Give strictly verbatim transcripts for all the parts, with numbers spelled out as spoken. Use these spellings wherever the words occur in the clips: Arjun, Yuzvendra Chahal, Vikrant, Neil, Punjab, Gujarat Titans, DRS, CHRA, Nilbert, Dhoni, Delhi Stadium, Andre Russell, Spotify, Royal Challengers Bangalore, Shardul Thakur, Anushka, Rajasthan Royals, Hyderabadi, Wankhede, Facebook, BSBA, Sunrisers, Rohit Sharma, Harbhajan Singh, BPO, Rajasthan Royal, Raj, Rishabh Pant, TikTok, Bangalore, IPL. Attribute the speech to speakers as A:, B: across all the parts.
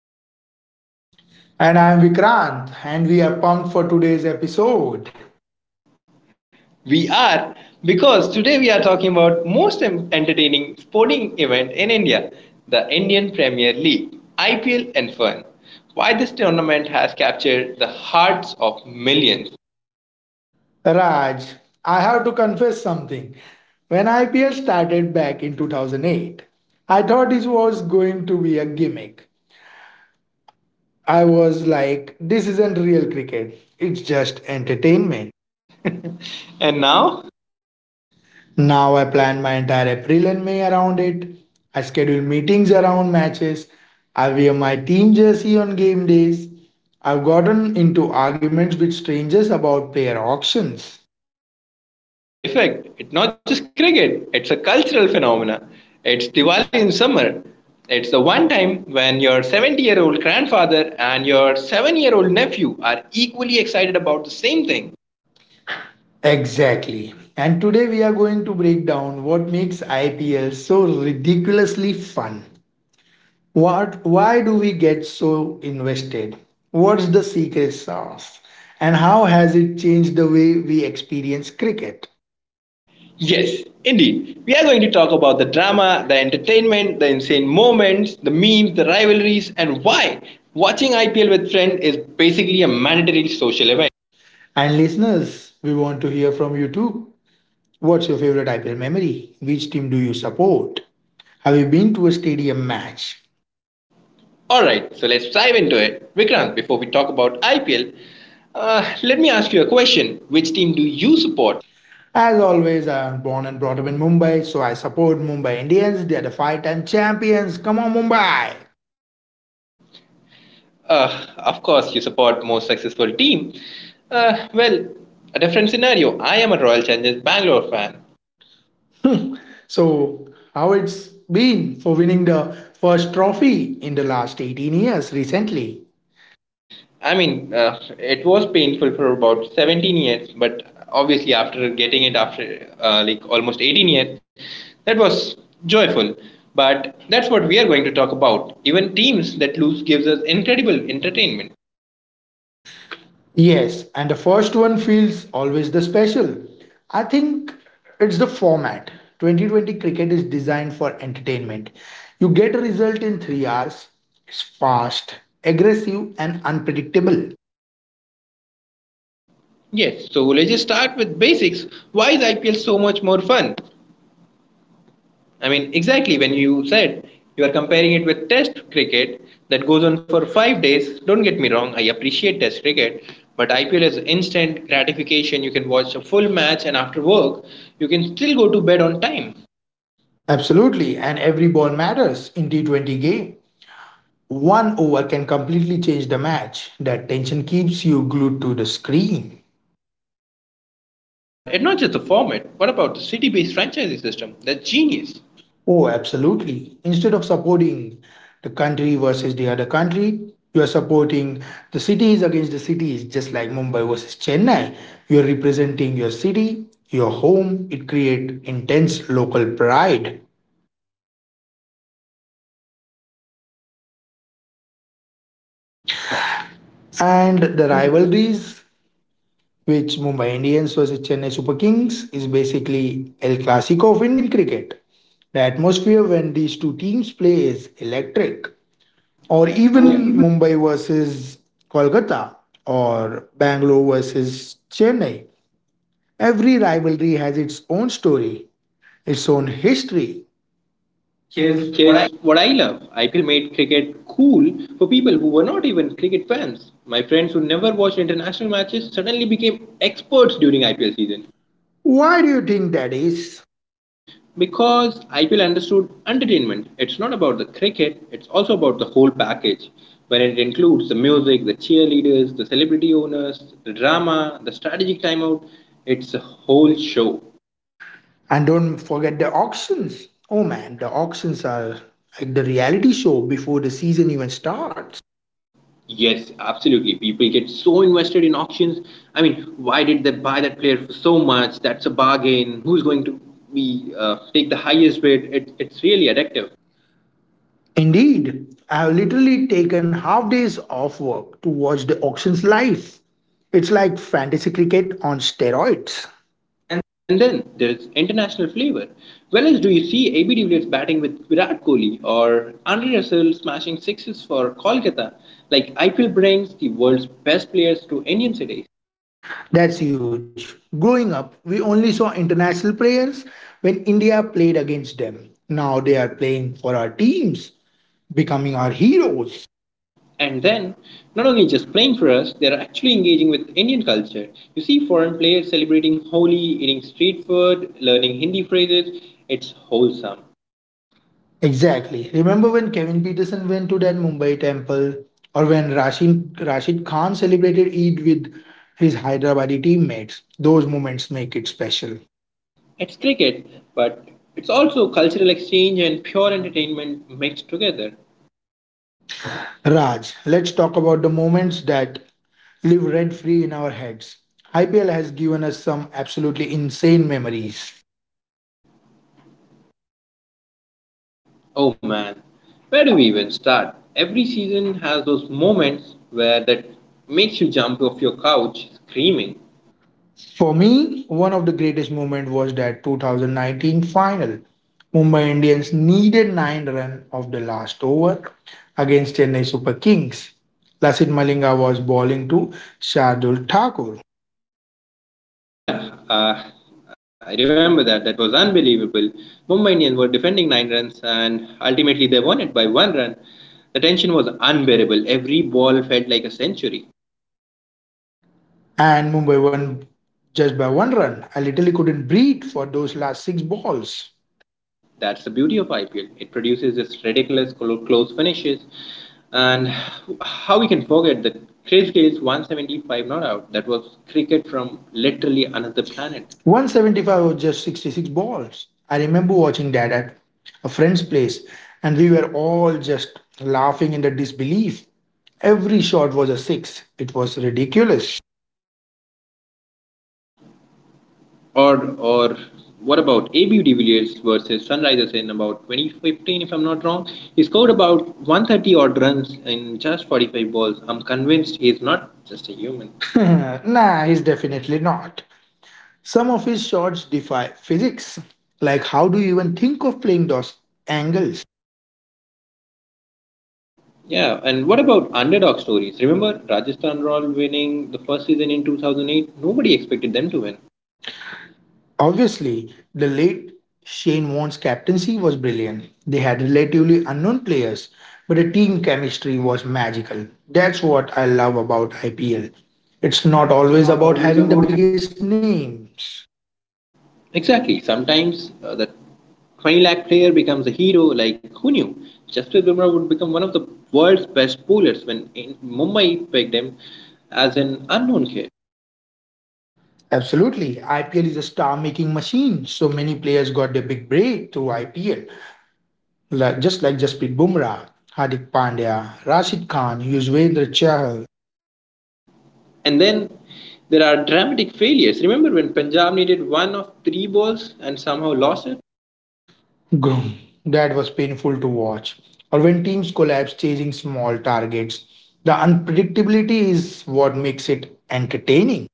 A: Raj.
B: And I am Vikrant, and we are pumped for today's episode.
A: We are because today we are talking about most em- entertaining sporting event in India, the Indian Premier League, I P L, and fun. Why this tournament has captured the hearts of millions.
B: Raj, I have to confess something. When I P L started back in two thousand eight, I thought it was going to be a gimmick. I was like, this isn't real cricket, it's just entertainment.
A: And now.
B: Now I plan my entire April and May around it. I schedule meetings around matches. I wear my team jersey on game days. I've gotten into arguments with strangers about player auctions.
A: That's the I P L effect. It's not just cricket, it's a cultural phenomenon. It's Diwali in summer. It's the one time when your seventy year old grandfather and your seven year old nephew are equally excited about the same thing.
B: Exactly. And today we are going to break down what makes I P L so ridiculously fun. What why do we get so invested? What's the secret sauce? And how has it changed the way we experience cricket?
A: Yes, indeed. We are going to talk about the drama, the entertainment, the insane moments, the memes, the rivalries, and why watching I P L with friends is basically a mandatory social event.
B: And listeners, we want to hear from you too. What's your favorite I P L memory? Which team do you support? Have you been to a stadium match?
A: All right, so let's dive into it. Vikrant, before we talk about I P L, uh, let me ask you a question. Which team do you support?
B: As always, I am born and brought up in Mumbai, so I support Mumbai Indians. They are the five time champions. Come on, Mumbai!
A: Uh, of course, you support most successful team. Uh, well, a different scenario. I am a Royal Challengers Bangalore fan.
B: So, how it's been for winning the first trophy in the last eighteen years recently?
A: I mean, uh, it was painful for about seventeen years, but obviously after getting it after uh, like almost eighteen years, that was joyful. But that's what we are going to talk about. Even teams that lose gives us incredible entertainment.
B: Yes, and the first one feels always the special. I think it's the format. twenty twenty cricket is designed for entertainment. You get a result in three hours. It's fast, aggressive, and unpredictable.
A: Yes, so let's just start with basics. Why is I P L so much more fun? I mean, exactly when you said you are comparing it with Test cricket that goes on for five days. Don't get me wrong, I appreciate Test cricket, but I P L is instant gratification. You can watch a full match, and after work, you can still go to bed on time.
B: Absolutely, and every ball matters in T twenty game. One over can completely change the match. That tension keeps you glued to the screen.
A: But it's not just the format. What about the city-based franchisee system? That's genius.
B: Oh, absolutely. Instead of supporting the country versus the other country, you are supporting the cities against the cities, just like Mumbai versus Chennai. You are representing your city, your home. It creates intense local pride.
A: Bolo kuch.
B: And the
A: And the
B: rivalries
A: rivalries.
B: which Mumbai Indians versus Chennai Super Kings is basically El Clasico of Indian cricket. The atmosphere when these two teams play is electric. Or
A: Or.
B: even
A: Yeah.
B: Mumbai versus Kolkata or Bangalore versus Chennai. Every rivalry has its own story, its own history. Here's what I
A: Here's what I love, I P L made cricket cool for people who were not even cricket fans. My friends who never watched international matches suddenly became experts during I P L season
B: Why do you think that is?
A: because I P L understood entertainment. It's not about the cricket, it's also about the whole package, where it includes the music, the cheerleaders, the celebrity owners, the drama, the strategic timeout. It's a whole show.
B: And don't forget the auctions. Oh man, the auctions are like the reality show before the season even starts.
A: Yes, absolutely. People get so invested in auctions. I mean, why did they buy that player for so much? That's a bargain. Who's going to be uh, take the highest bid? It, it's really addictive.
B: Indeed, I have literally taken half days off work to watch the auctions live. It's like fantasy cricket on steroids.
A: And then there's international flavor. Where else do you see A B de Villiers batting with Virat Kohli or Andre Russell smashing sixes for Kolkata? Like, I P L brings the world's best players to Indian cities.
B: That's huge. Growing up, we only saw international players when India played against them. Now they are playing for our teams, becoming our heroes.
A: And then, not only just playing for us, they are actually engaging with Indian culture. You see foreign players celebrating Holi, eating street food, learning Hindi phrases. It's wholesome.
B: Exactly. Remember when Kevin Peterson went to that Mumbai temple, or when Rashid, Rashid Khan celebrated Eid with his Hyderabadi teammates? Those moments make it special.
A: It's cricket, but it's also cultural exchange and pure entertainment mixed together.
B: Raj, let's talk about the moments that live rent free in our heads. I P L has given us some absolutely insane memories.
A: Oh man, where do we even start? Every season has those moments where that makes you jump off your couch screaming.
B: For me, one of the greatest moments was that twenty nineteen final. Mumbai Indians needed nine runs of the last over against Chennai Super Kings. Lasith Malinga was bowling to Shardul Thakur
A: Oh yeah, uh, I remember that. That was unbelievable. Mumbai Indians were defending nine runs, and ultimately they won it by one run. The tension was unbearable. Every ball felt like a century.
B: and Mumbai won just by one run. I literally couldn't breathe for those last six balls.
A: That's the beauty of I P L. It produces this ridiculous clo- close finishes. And how we can forget that Chris Gale's one seventy-five not out. That was cricket from literally another planet.
B: one seventy-five was just sixty-six balls. I remember watching that at a friend's place, and we were all just laughing in the disbelief. Every shot was a six. It was ridiculous.
A: Or or what about A B de Villiers versus Sunrisers in about twenty fifteen, if I'm not wrong? He scored about one thirty odd runs in just forty-five balls. I'm convinced he's not just a human.
B: Nah, he's definitely not. Some of his shots defy physics. Like, how do you even think of playing those angles?
A: Yeah, and what about underdog stories? Remember Rajasthan Royal winning the first season in two thousand eight? Nobody expected them to win.
B: Obviously, the late Shane Warne's captaincy was brilliant. They had relatively unknown players, but the team chemistry was magical. That's what I love about I P L. It's not
A: It's
B: always
A: not
B: about
A: always
B: having the
A: about.
B: biggest names.
A: Exactly. Sometimes uh, the twenty lakh player becomes a hero. Like, who knew Jasprit Bumrah would become one of the world's best bowlers when in Mumbai pegged him as an unknown kid.
B: Absolutely, I P L is a star-making machine. So many players got their big break through I P L, like just like Jasprit Bumrah, Hardik Pandya, Rashid Khan, Yuzvendra Chahal,
A: And then there are dramatic failures. Remember when Punjab needed one of three balls and somehow lost it?
B: Grum. That was painful to watch. Or when teams collapse chasing small targets. The unpredictability is what makes it entertaining.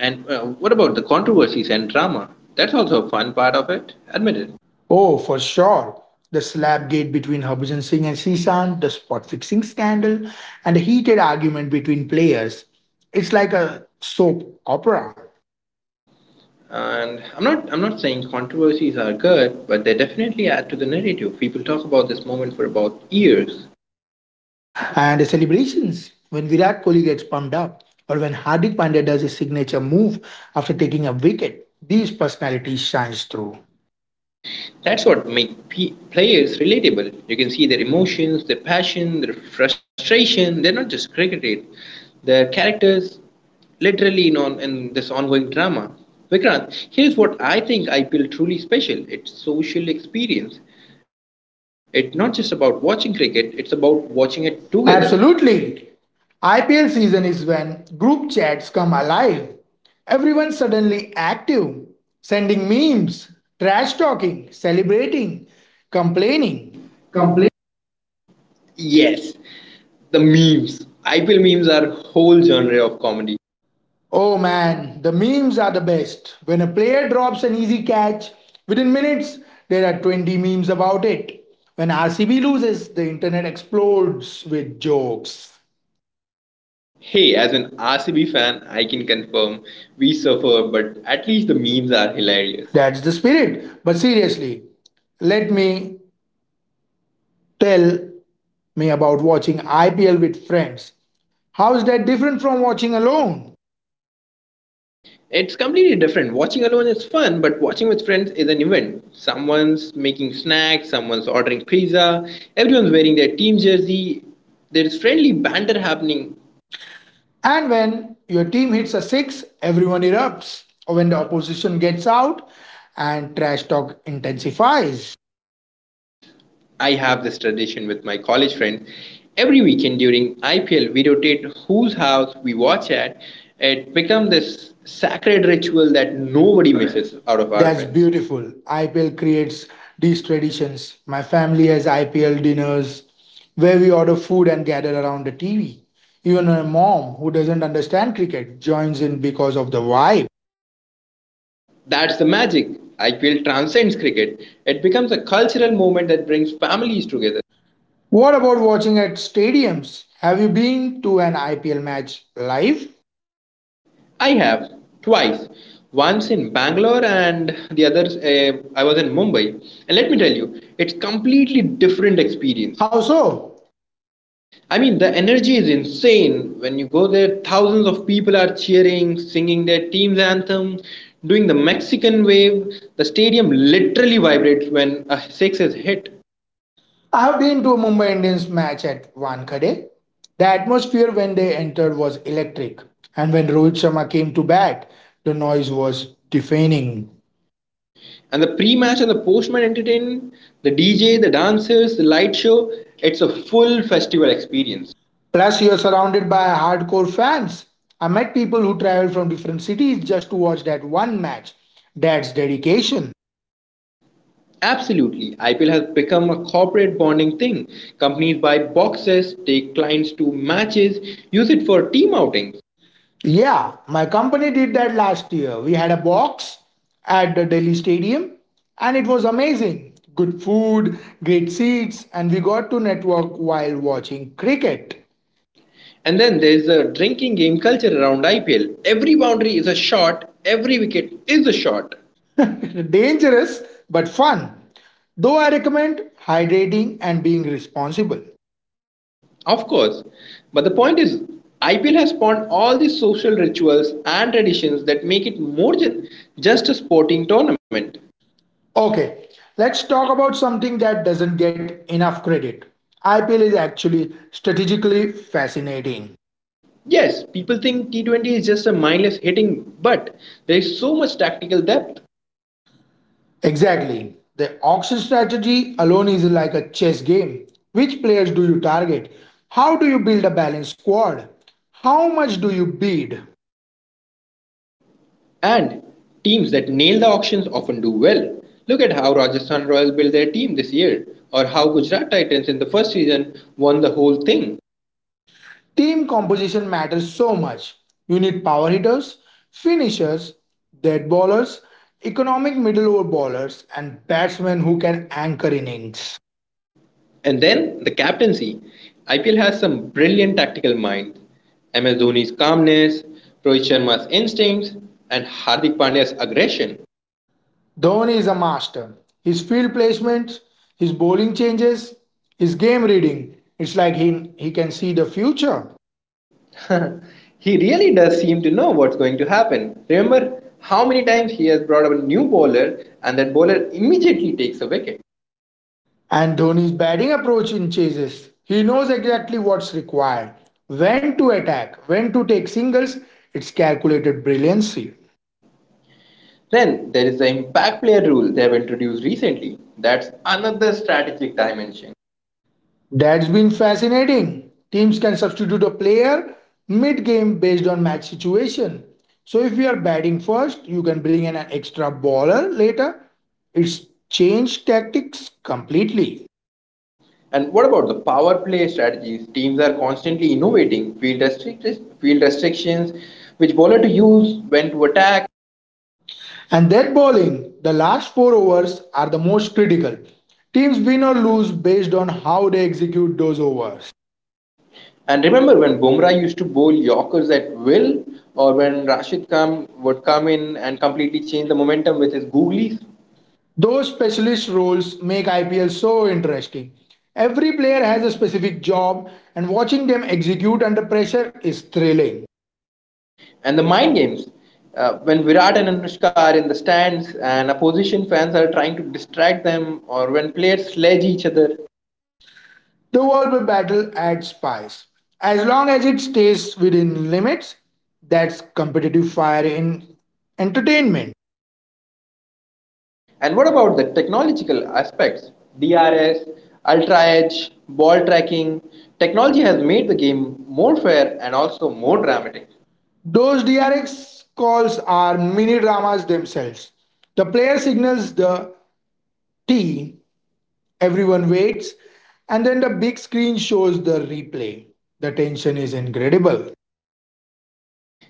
A: And uh, what about the controversies and drama? That's also a fun part of it. Admitted.
B: Oh, for sure. The slap gate between Harbhajan Singh and Sisant, the spot fixing scandal, and a heated argument between players. It's like a soap opera.
A: And I'm not I'm not saying controversies are good, but they definitely add to the narrative. People talk about this moment for about years.
B: And the celebrations when Virat Kohli gets pumped up, or when Hardik Pandya does his signature move after taking a wicket, these personalities shines through.
A: That's what make pe- players relatable. You can see their emotions, their passion, their frustration. They're not just cricketers; they're characters, literally in, on, in this ongoing drama. Vikrant, here's what I think I P L truly special. It's social experience. It's not just about watching cricket. It's about watching it together.
B: Absolutely. I P L season is when group chats come alive. Everyone suddenly active, sending memes, trash talking, celebrating, complaining.
A: Complete. Yes, the memes. I P L memes are whole genre of comedy.
B: Oh man, the memes are the best. When a player drops an easy catch, within minutes there are twenty memes about it. When R C B loses, the internet explodes with jokes.
A: Hey, as an R C B fan, I can confirm we suffer, but at least the memes are hilarious.
B: That's the spirit. But seriously, let me tell me about watching I P L with friends. How is that different from watching alone?
A: It's completely different. Watching alone is fun, but watching with friends is an event. Someone's making snacks, someone's ordering pizza, everyone's wearing their team jersey. There's friendly banter happening.
B: And when your team hits a six, everyone erupts. Or when the opposition gets out and trash talk intensifies.
A: I have this tradition with my college friends. Every weekend during I P L, we rotate whose house we watch at. It becomes this sacred ritual that nobody
B: Our
A: misses
B: friends.
A: out of our
B: That's
A: friends.
B: beautiful. I P L creates these traditions. My family has I P L dinners where we order food and gather around the T V. Even a mom, who doesn't understand cricket, joins in because of the vibe.
A: That's the magic. I P L transcends cricket. It becomes a cultural movement that brings families together.
B: What about watching at stadiums? Have you been to an I P L match live?
A: I have twice, once in Bangalore and the other uh, I was in Mumbai. And let me tell you, it's completely different experience.
B: How so?
A: I mean, the energy is insane. When you go there, thousands of people are cheering, singing their team's anthem, doing the Mexican wave. The stadium literally vibrates when a six is hit.
B: I have been to a Mumbai Indians match at Wankhede. The atmosphere when they entered was electric, and when Rohit Sharma came to bat, the noise was deafening.
A: And the pre-match and the post-match entertainment, the D J, the dancers, the light show, it's a full festival experience.
B: Plus, you're surrounded by hardcore fans. I met people who travel from different cities just to watch that one match. That's dedication.
A: Absolutely, I P L has become a corporate bonding thing. Companies buy boxes, take clients to matches, use it for team outings.
B: Yeah, my company did that last year. We had a box at the Delhi Stadium and it was amazing. Good food, great seats, and we got to network while watching cricket.
A: And then there's a drinking game culture around I P L. Every boundary is a shot, every wicket is a shot.
B: Dangerous, but fun. Though I recommend hydrating and being responsible.
A: Of course. But the point is, I P L has spawned all these social rituals and traditions that make it more than just a sporting tournament.
B: Okay, let's talk about something that doesn't get enough credit. I P L is actually strategically fascinating.
A: Yes, people think T twenty is just a mindless hitting, but there is so much tactical depth,
B: Exactly. The auction strategy alone is like a chess game. Which players do you target? How do you build a balanced squad? How much do you bid?
A: and teams that nail the auctions often do well. Look at how Rajasthan Royals built their team this year, or how Gujarat Titans in the first season won the whole thing.
B: Team composition matters so much. You need power hitters, finishers, dead ballers, economic middle over ballers, and batsmen who can anchor innings.
A: And then the captaincy. I P L has some brilliant tactical minds. M S Dhoni's calmness, Rohit Sharma's instincts, and Hardik Pandya's aggression.
B: Dhoni is a master. His field placements, his bowling changes, his game reading. It's like he, he can see the future.
A: He really does seem to know what's going to happen. Remember how many times he has brought up a new bowler and that bowler immediately takes a wicket.
B: And Dhoni's batting approach in chases. He knows exactly what's required, when to attack, when to take singles. It's calculated brilliancy.
A: Then there is the impact player rule they have introduced recently. That's another strategic dimension.
B: That's been fascinating. Teams can substitute a player mid game based on match situation. So if you are batting first, you can bring in an extra bowler later. It's changed tactics completely.
A: And what about the power play strategies? Teams are constantly innovating field, restrict- field restrictions, which bowler to use, when to attack.
B: And that bowling, the last four overs are the most critical. Teams win or lose based on how they execute those overs.
A: And remember when Bumrah used to bowl Yorkers at will, or when Rashid Khan would come in and completely change the momentum with his googlies.
B: Those specialist roles make I P L so interesting. Every player has a specific job, and watching them execute under pressure is thrilling.
A: And the mind games. Uh, when Virat and Anushka are in the stands and opposition fans are trying to distract them, or when players sledge each other.
B: The World battle adds spice. As long as it stays within limits, that's competitive fire in entertainment.
A: And what about the technological aspects? D R S, Ultra Edge, ball tracking. Technology has made the game more fair and also more dramatic.
B: Those D R X calls are mini dramas themselves. The player signals the T, everyone waits, and then the big screen shows the replay. The tension is incredible.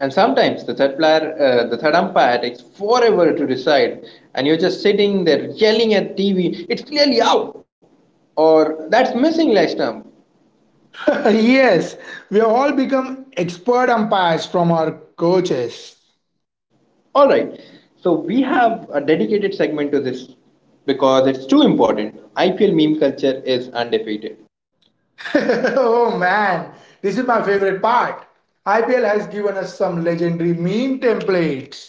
A: And sometimes the third player, uh, the third umpire takes forever to decide, and you're just sitting there yelling at T V, it's clearly out, or that's missing leg stump.
B: Yes, we have all become expert umpires from our coaches.
A: All right, so we have a dedicated segment to this because it's too important. I P L meme culture is undefeated.
B: Oh man, this is my favorite part. I P L has given us some legendary meme templates.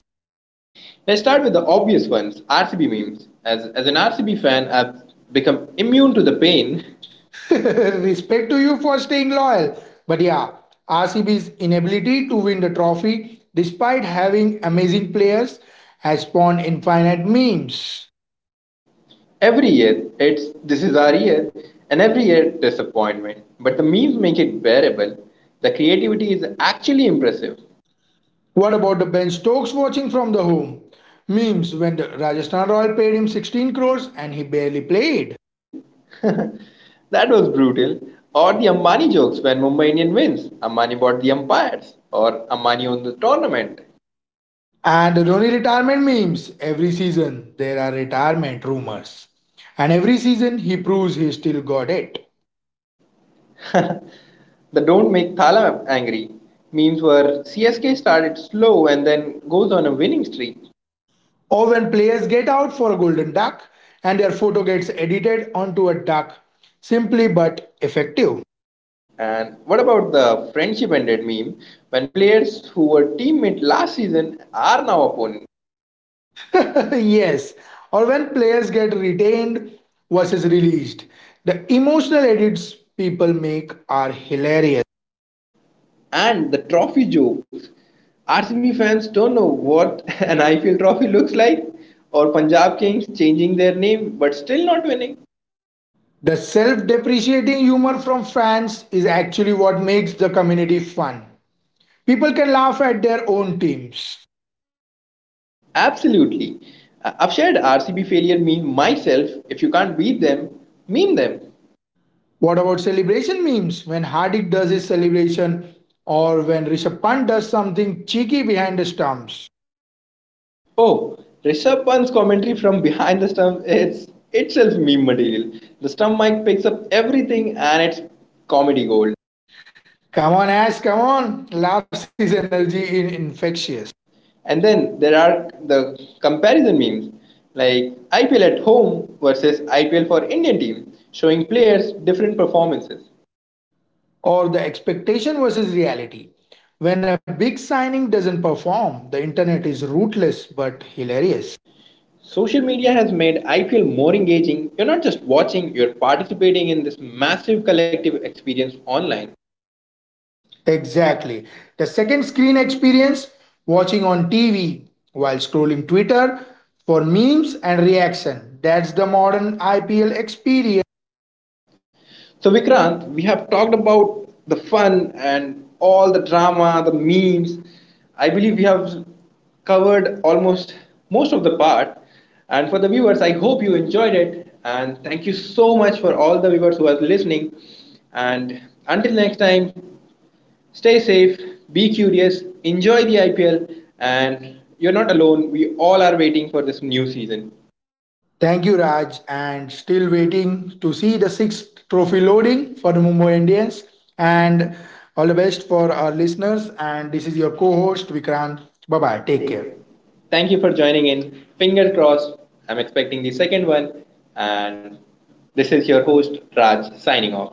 A: Let's start with the obvious ones, R C B memes. As, as an R C B fan, I've become immune to the pain.
B: Respect to you for staying loyal. But yeah, R C B's inability to win the trophy, despite having amazing players, has spawned infinite memes.
A: Every year, it's this is our year, and every year disappointment. But the memes make it bearable. The creativity is actually impressive.
B: What about the Ben Stokes watching from the home? Memes when the Rajasthan Royal paid him sixteen crores and he barely played.
A: That was brutal. Or the Ambani jokes when Mumbai Indian wins. Ambani bought the umpires, or Ambani won the tournament.
B: And the Dhoni retirement memes. Every season there are retirement rumors. And every season he proves he still got it.
A: The don't make Thala angry. Memes were C S K started slow and then goes on a winning streak.
B: Or when players get out for a golden duck and their photo gets edited onto a duck. Simply but effective.
A: And what about the friendship ended meme when players who were teammate last season are now opponents?
B: Yes, or when players get retained versus released. The emotional edits people make are hilarious.
A: And the trophy jokes. R C B fans don't know what an I P L trophy looks like, or Punjab Kings changing their name but still not winning.
B: The self depreciating humor from fans is actually what makes the community fun. People can laugh at their own teams.
A: Absolutely. I- I've shared R C B failure meme myself. If you can't beat them, meme them.
B: What about celebration memes? When Hardik does his celebration or when Rishabh Pant does something cheeky behind the stumps.
A: Oh, Rishabh Pant's commentary from behind the stump is itself meme material. The stump mic picks up everything and it's comedy gold.
B: Come on, Ash, come on. Laughs his energy in infectious.
A: And then there are the comparison memes like I P L at home versus I P L for Indian team, showing players different performances.
B: Or the expectation versus reality. When a big signing doesn't perform, the internet is ruthless but hilarious.
A: Social media has made I P L more engaging. You're not just watching, you're participating in this massive collective experience online.
B: Exactly. The second screen experience, watching on T V while scrolling Twitter for memes and reaction. That's the modern I P L experience.
A: So, Vikrant, we have talked about the fun and all the drama, the memes. I believe we have covered almost most of the part. And for the viewers, I hope you enjoyed it. And thank you so much for all the viewers who are listening. And until next time, stay safe, be curious, enjoy the I P L, and you're not alone. We all are waiting for this new season.
B: Thank you, Raj. And still waiting to see the sixth trophy loading for the Mumbai Indians. And all the best for our listeners. And this is your co host, Vikrant. Bye bye.
A: Bye.
B: Take
A: Take
B: care.
A: care. Thank you for joining in. Finger crossed. I'm expecting the second one. And this is your host, Raj, signing off.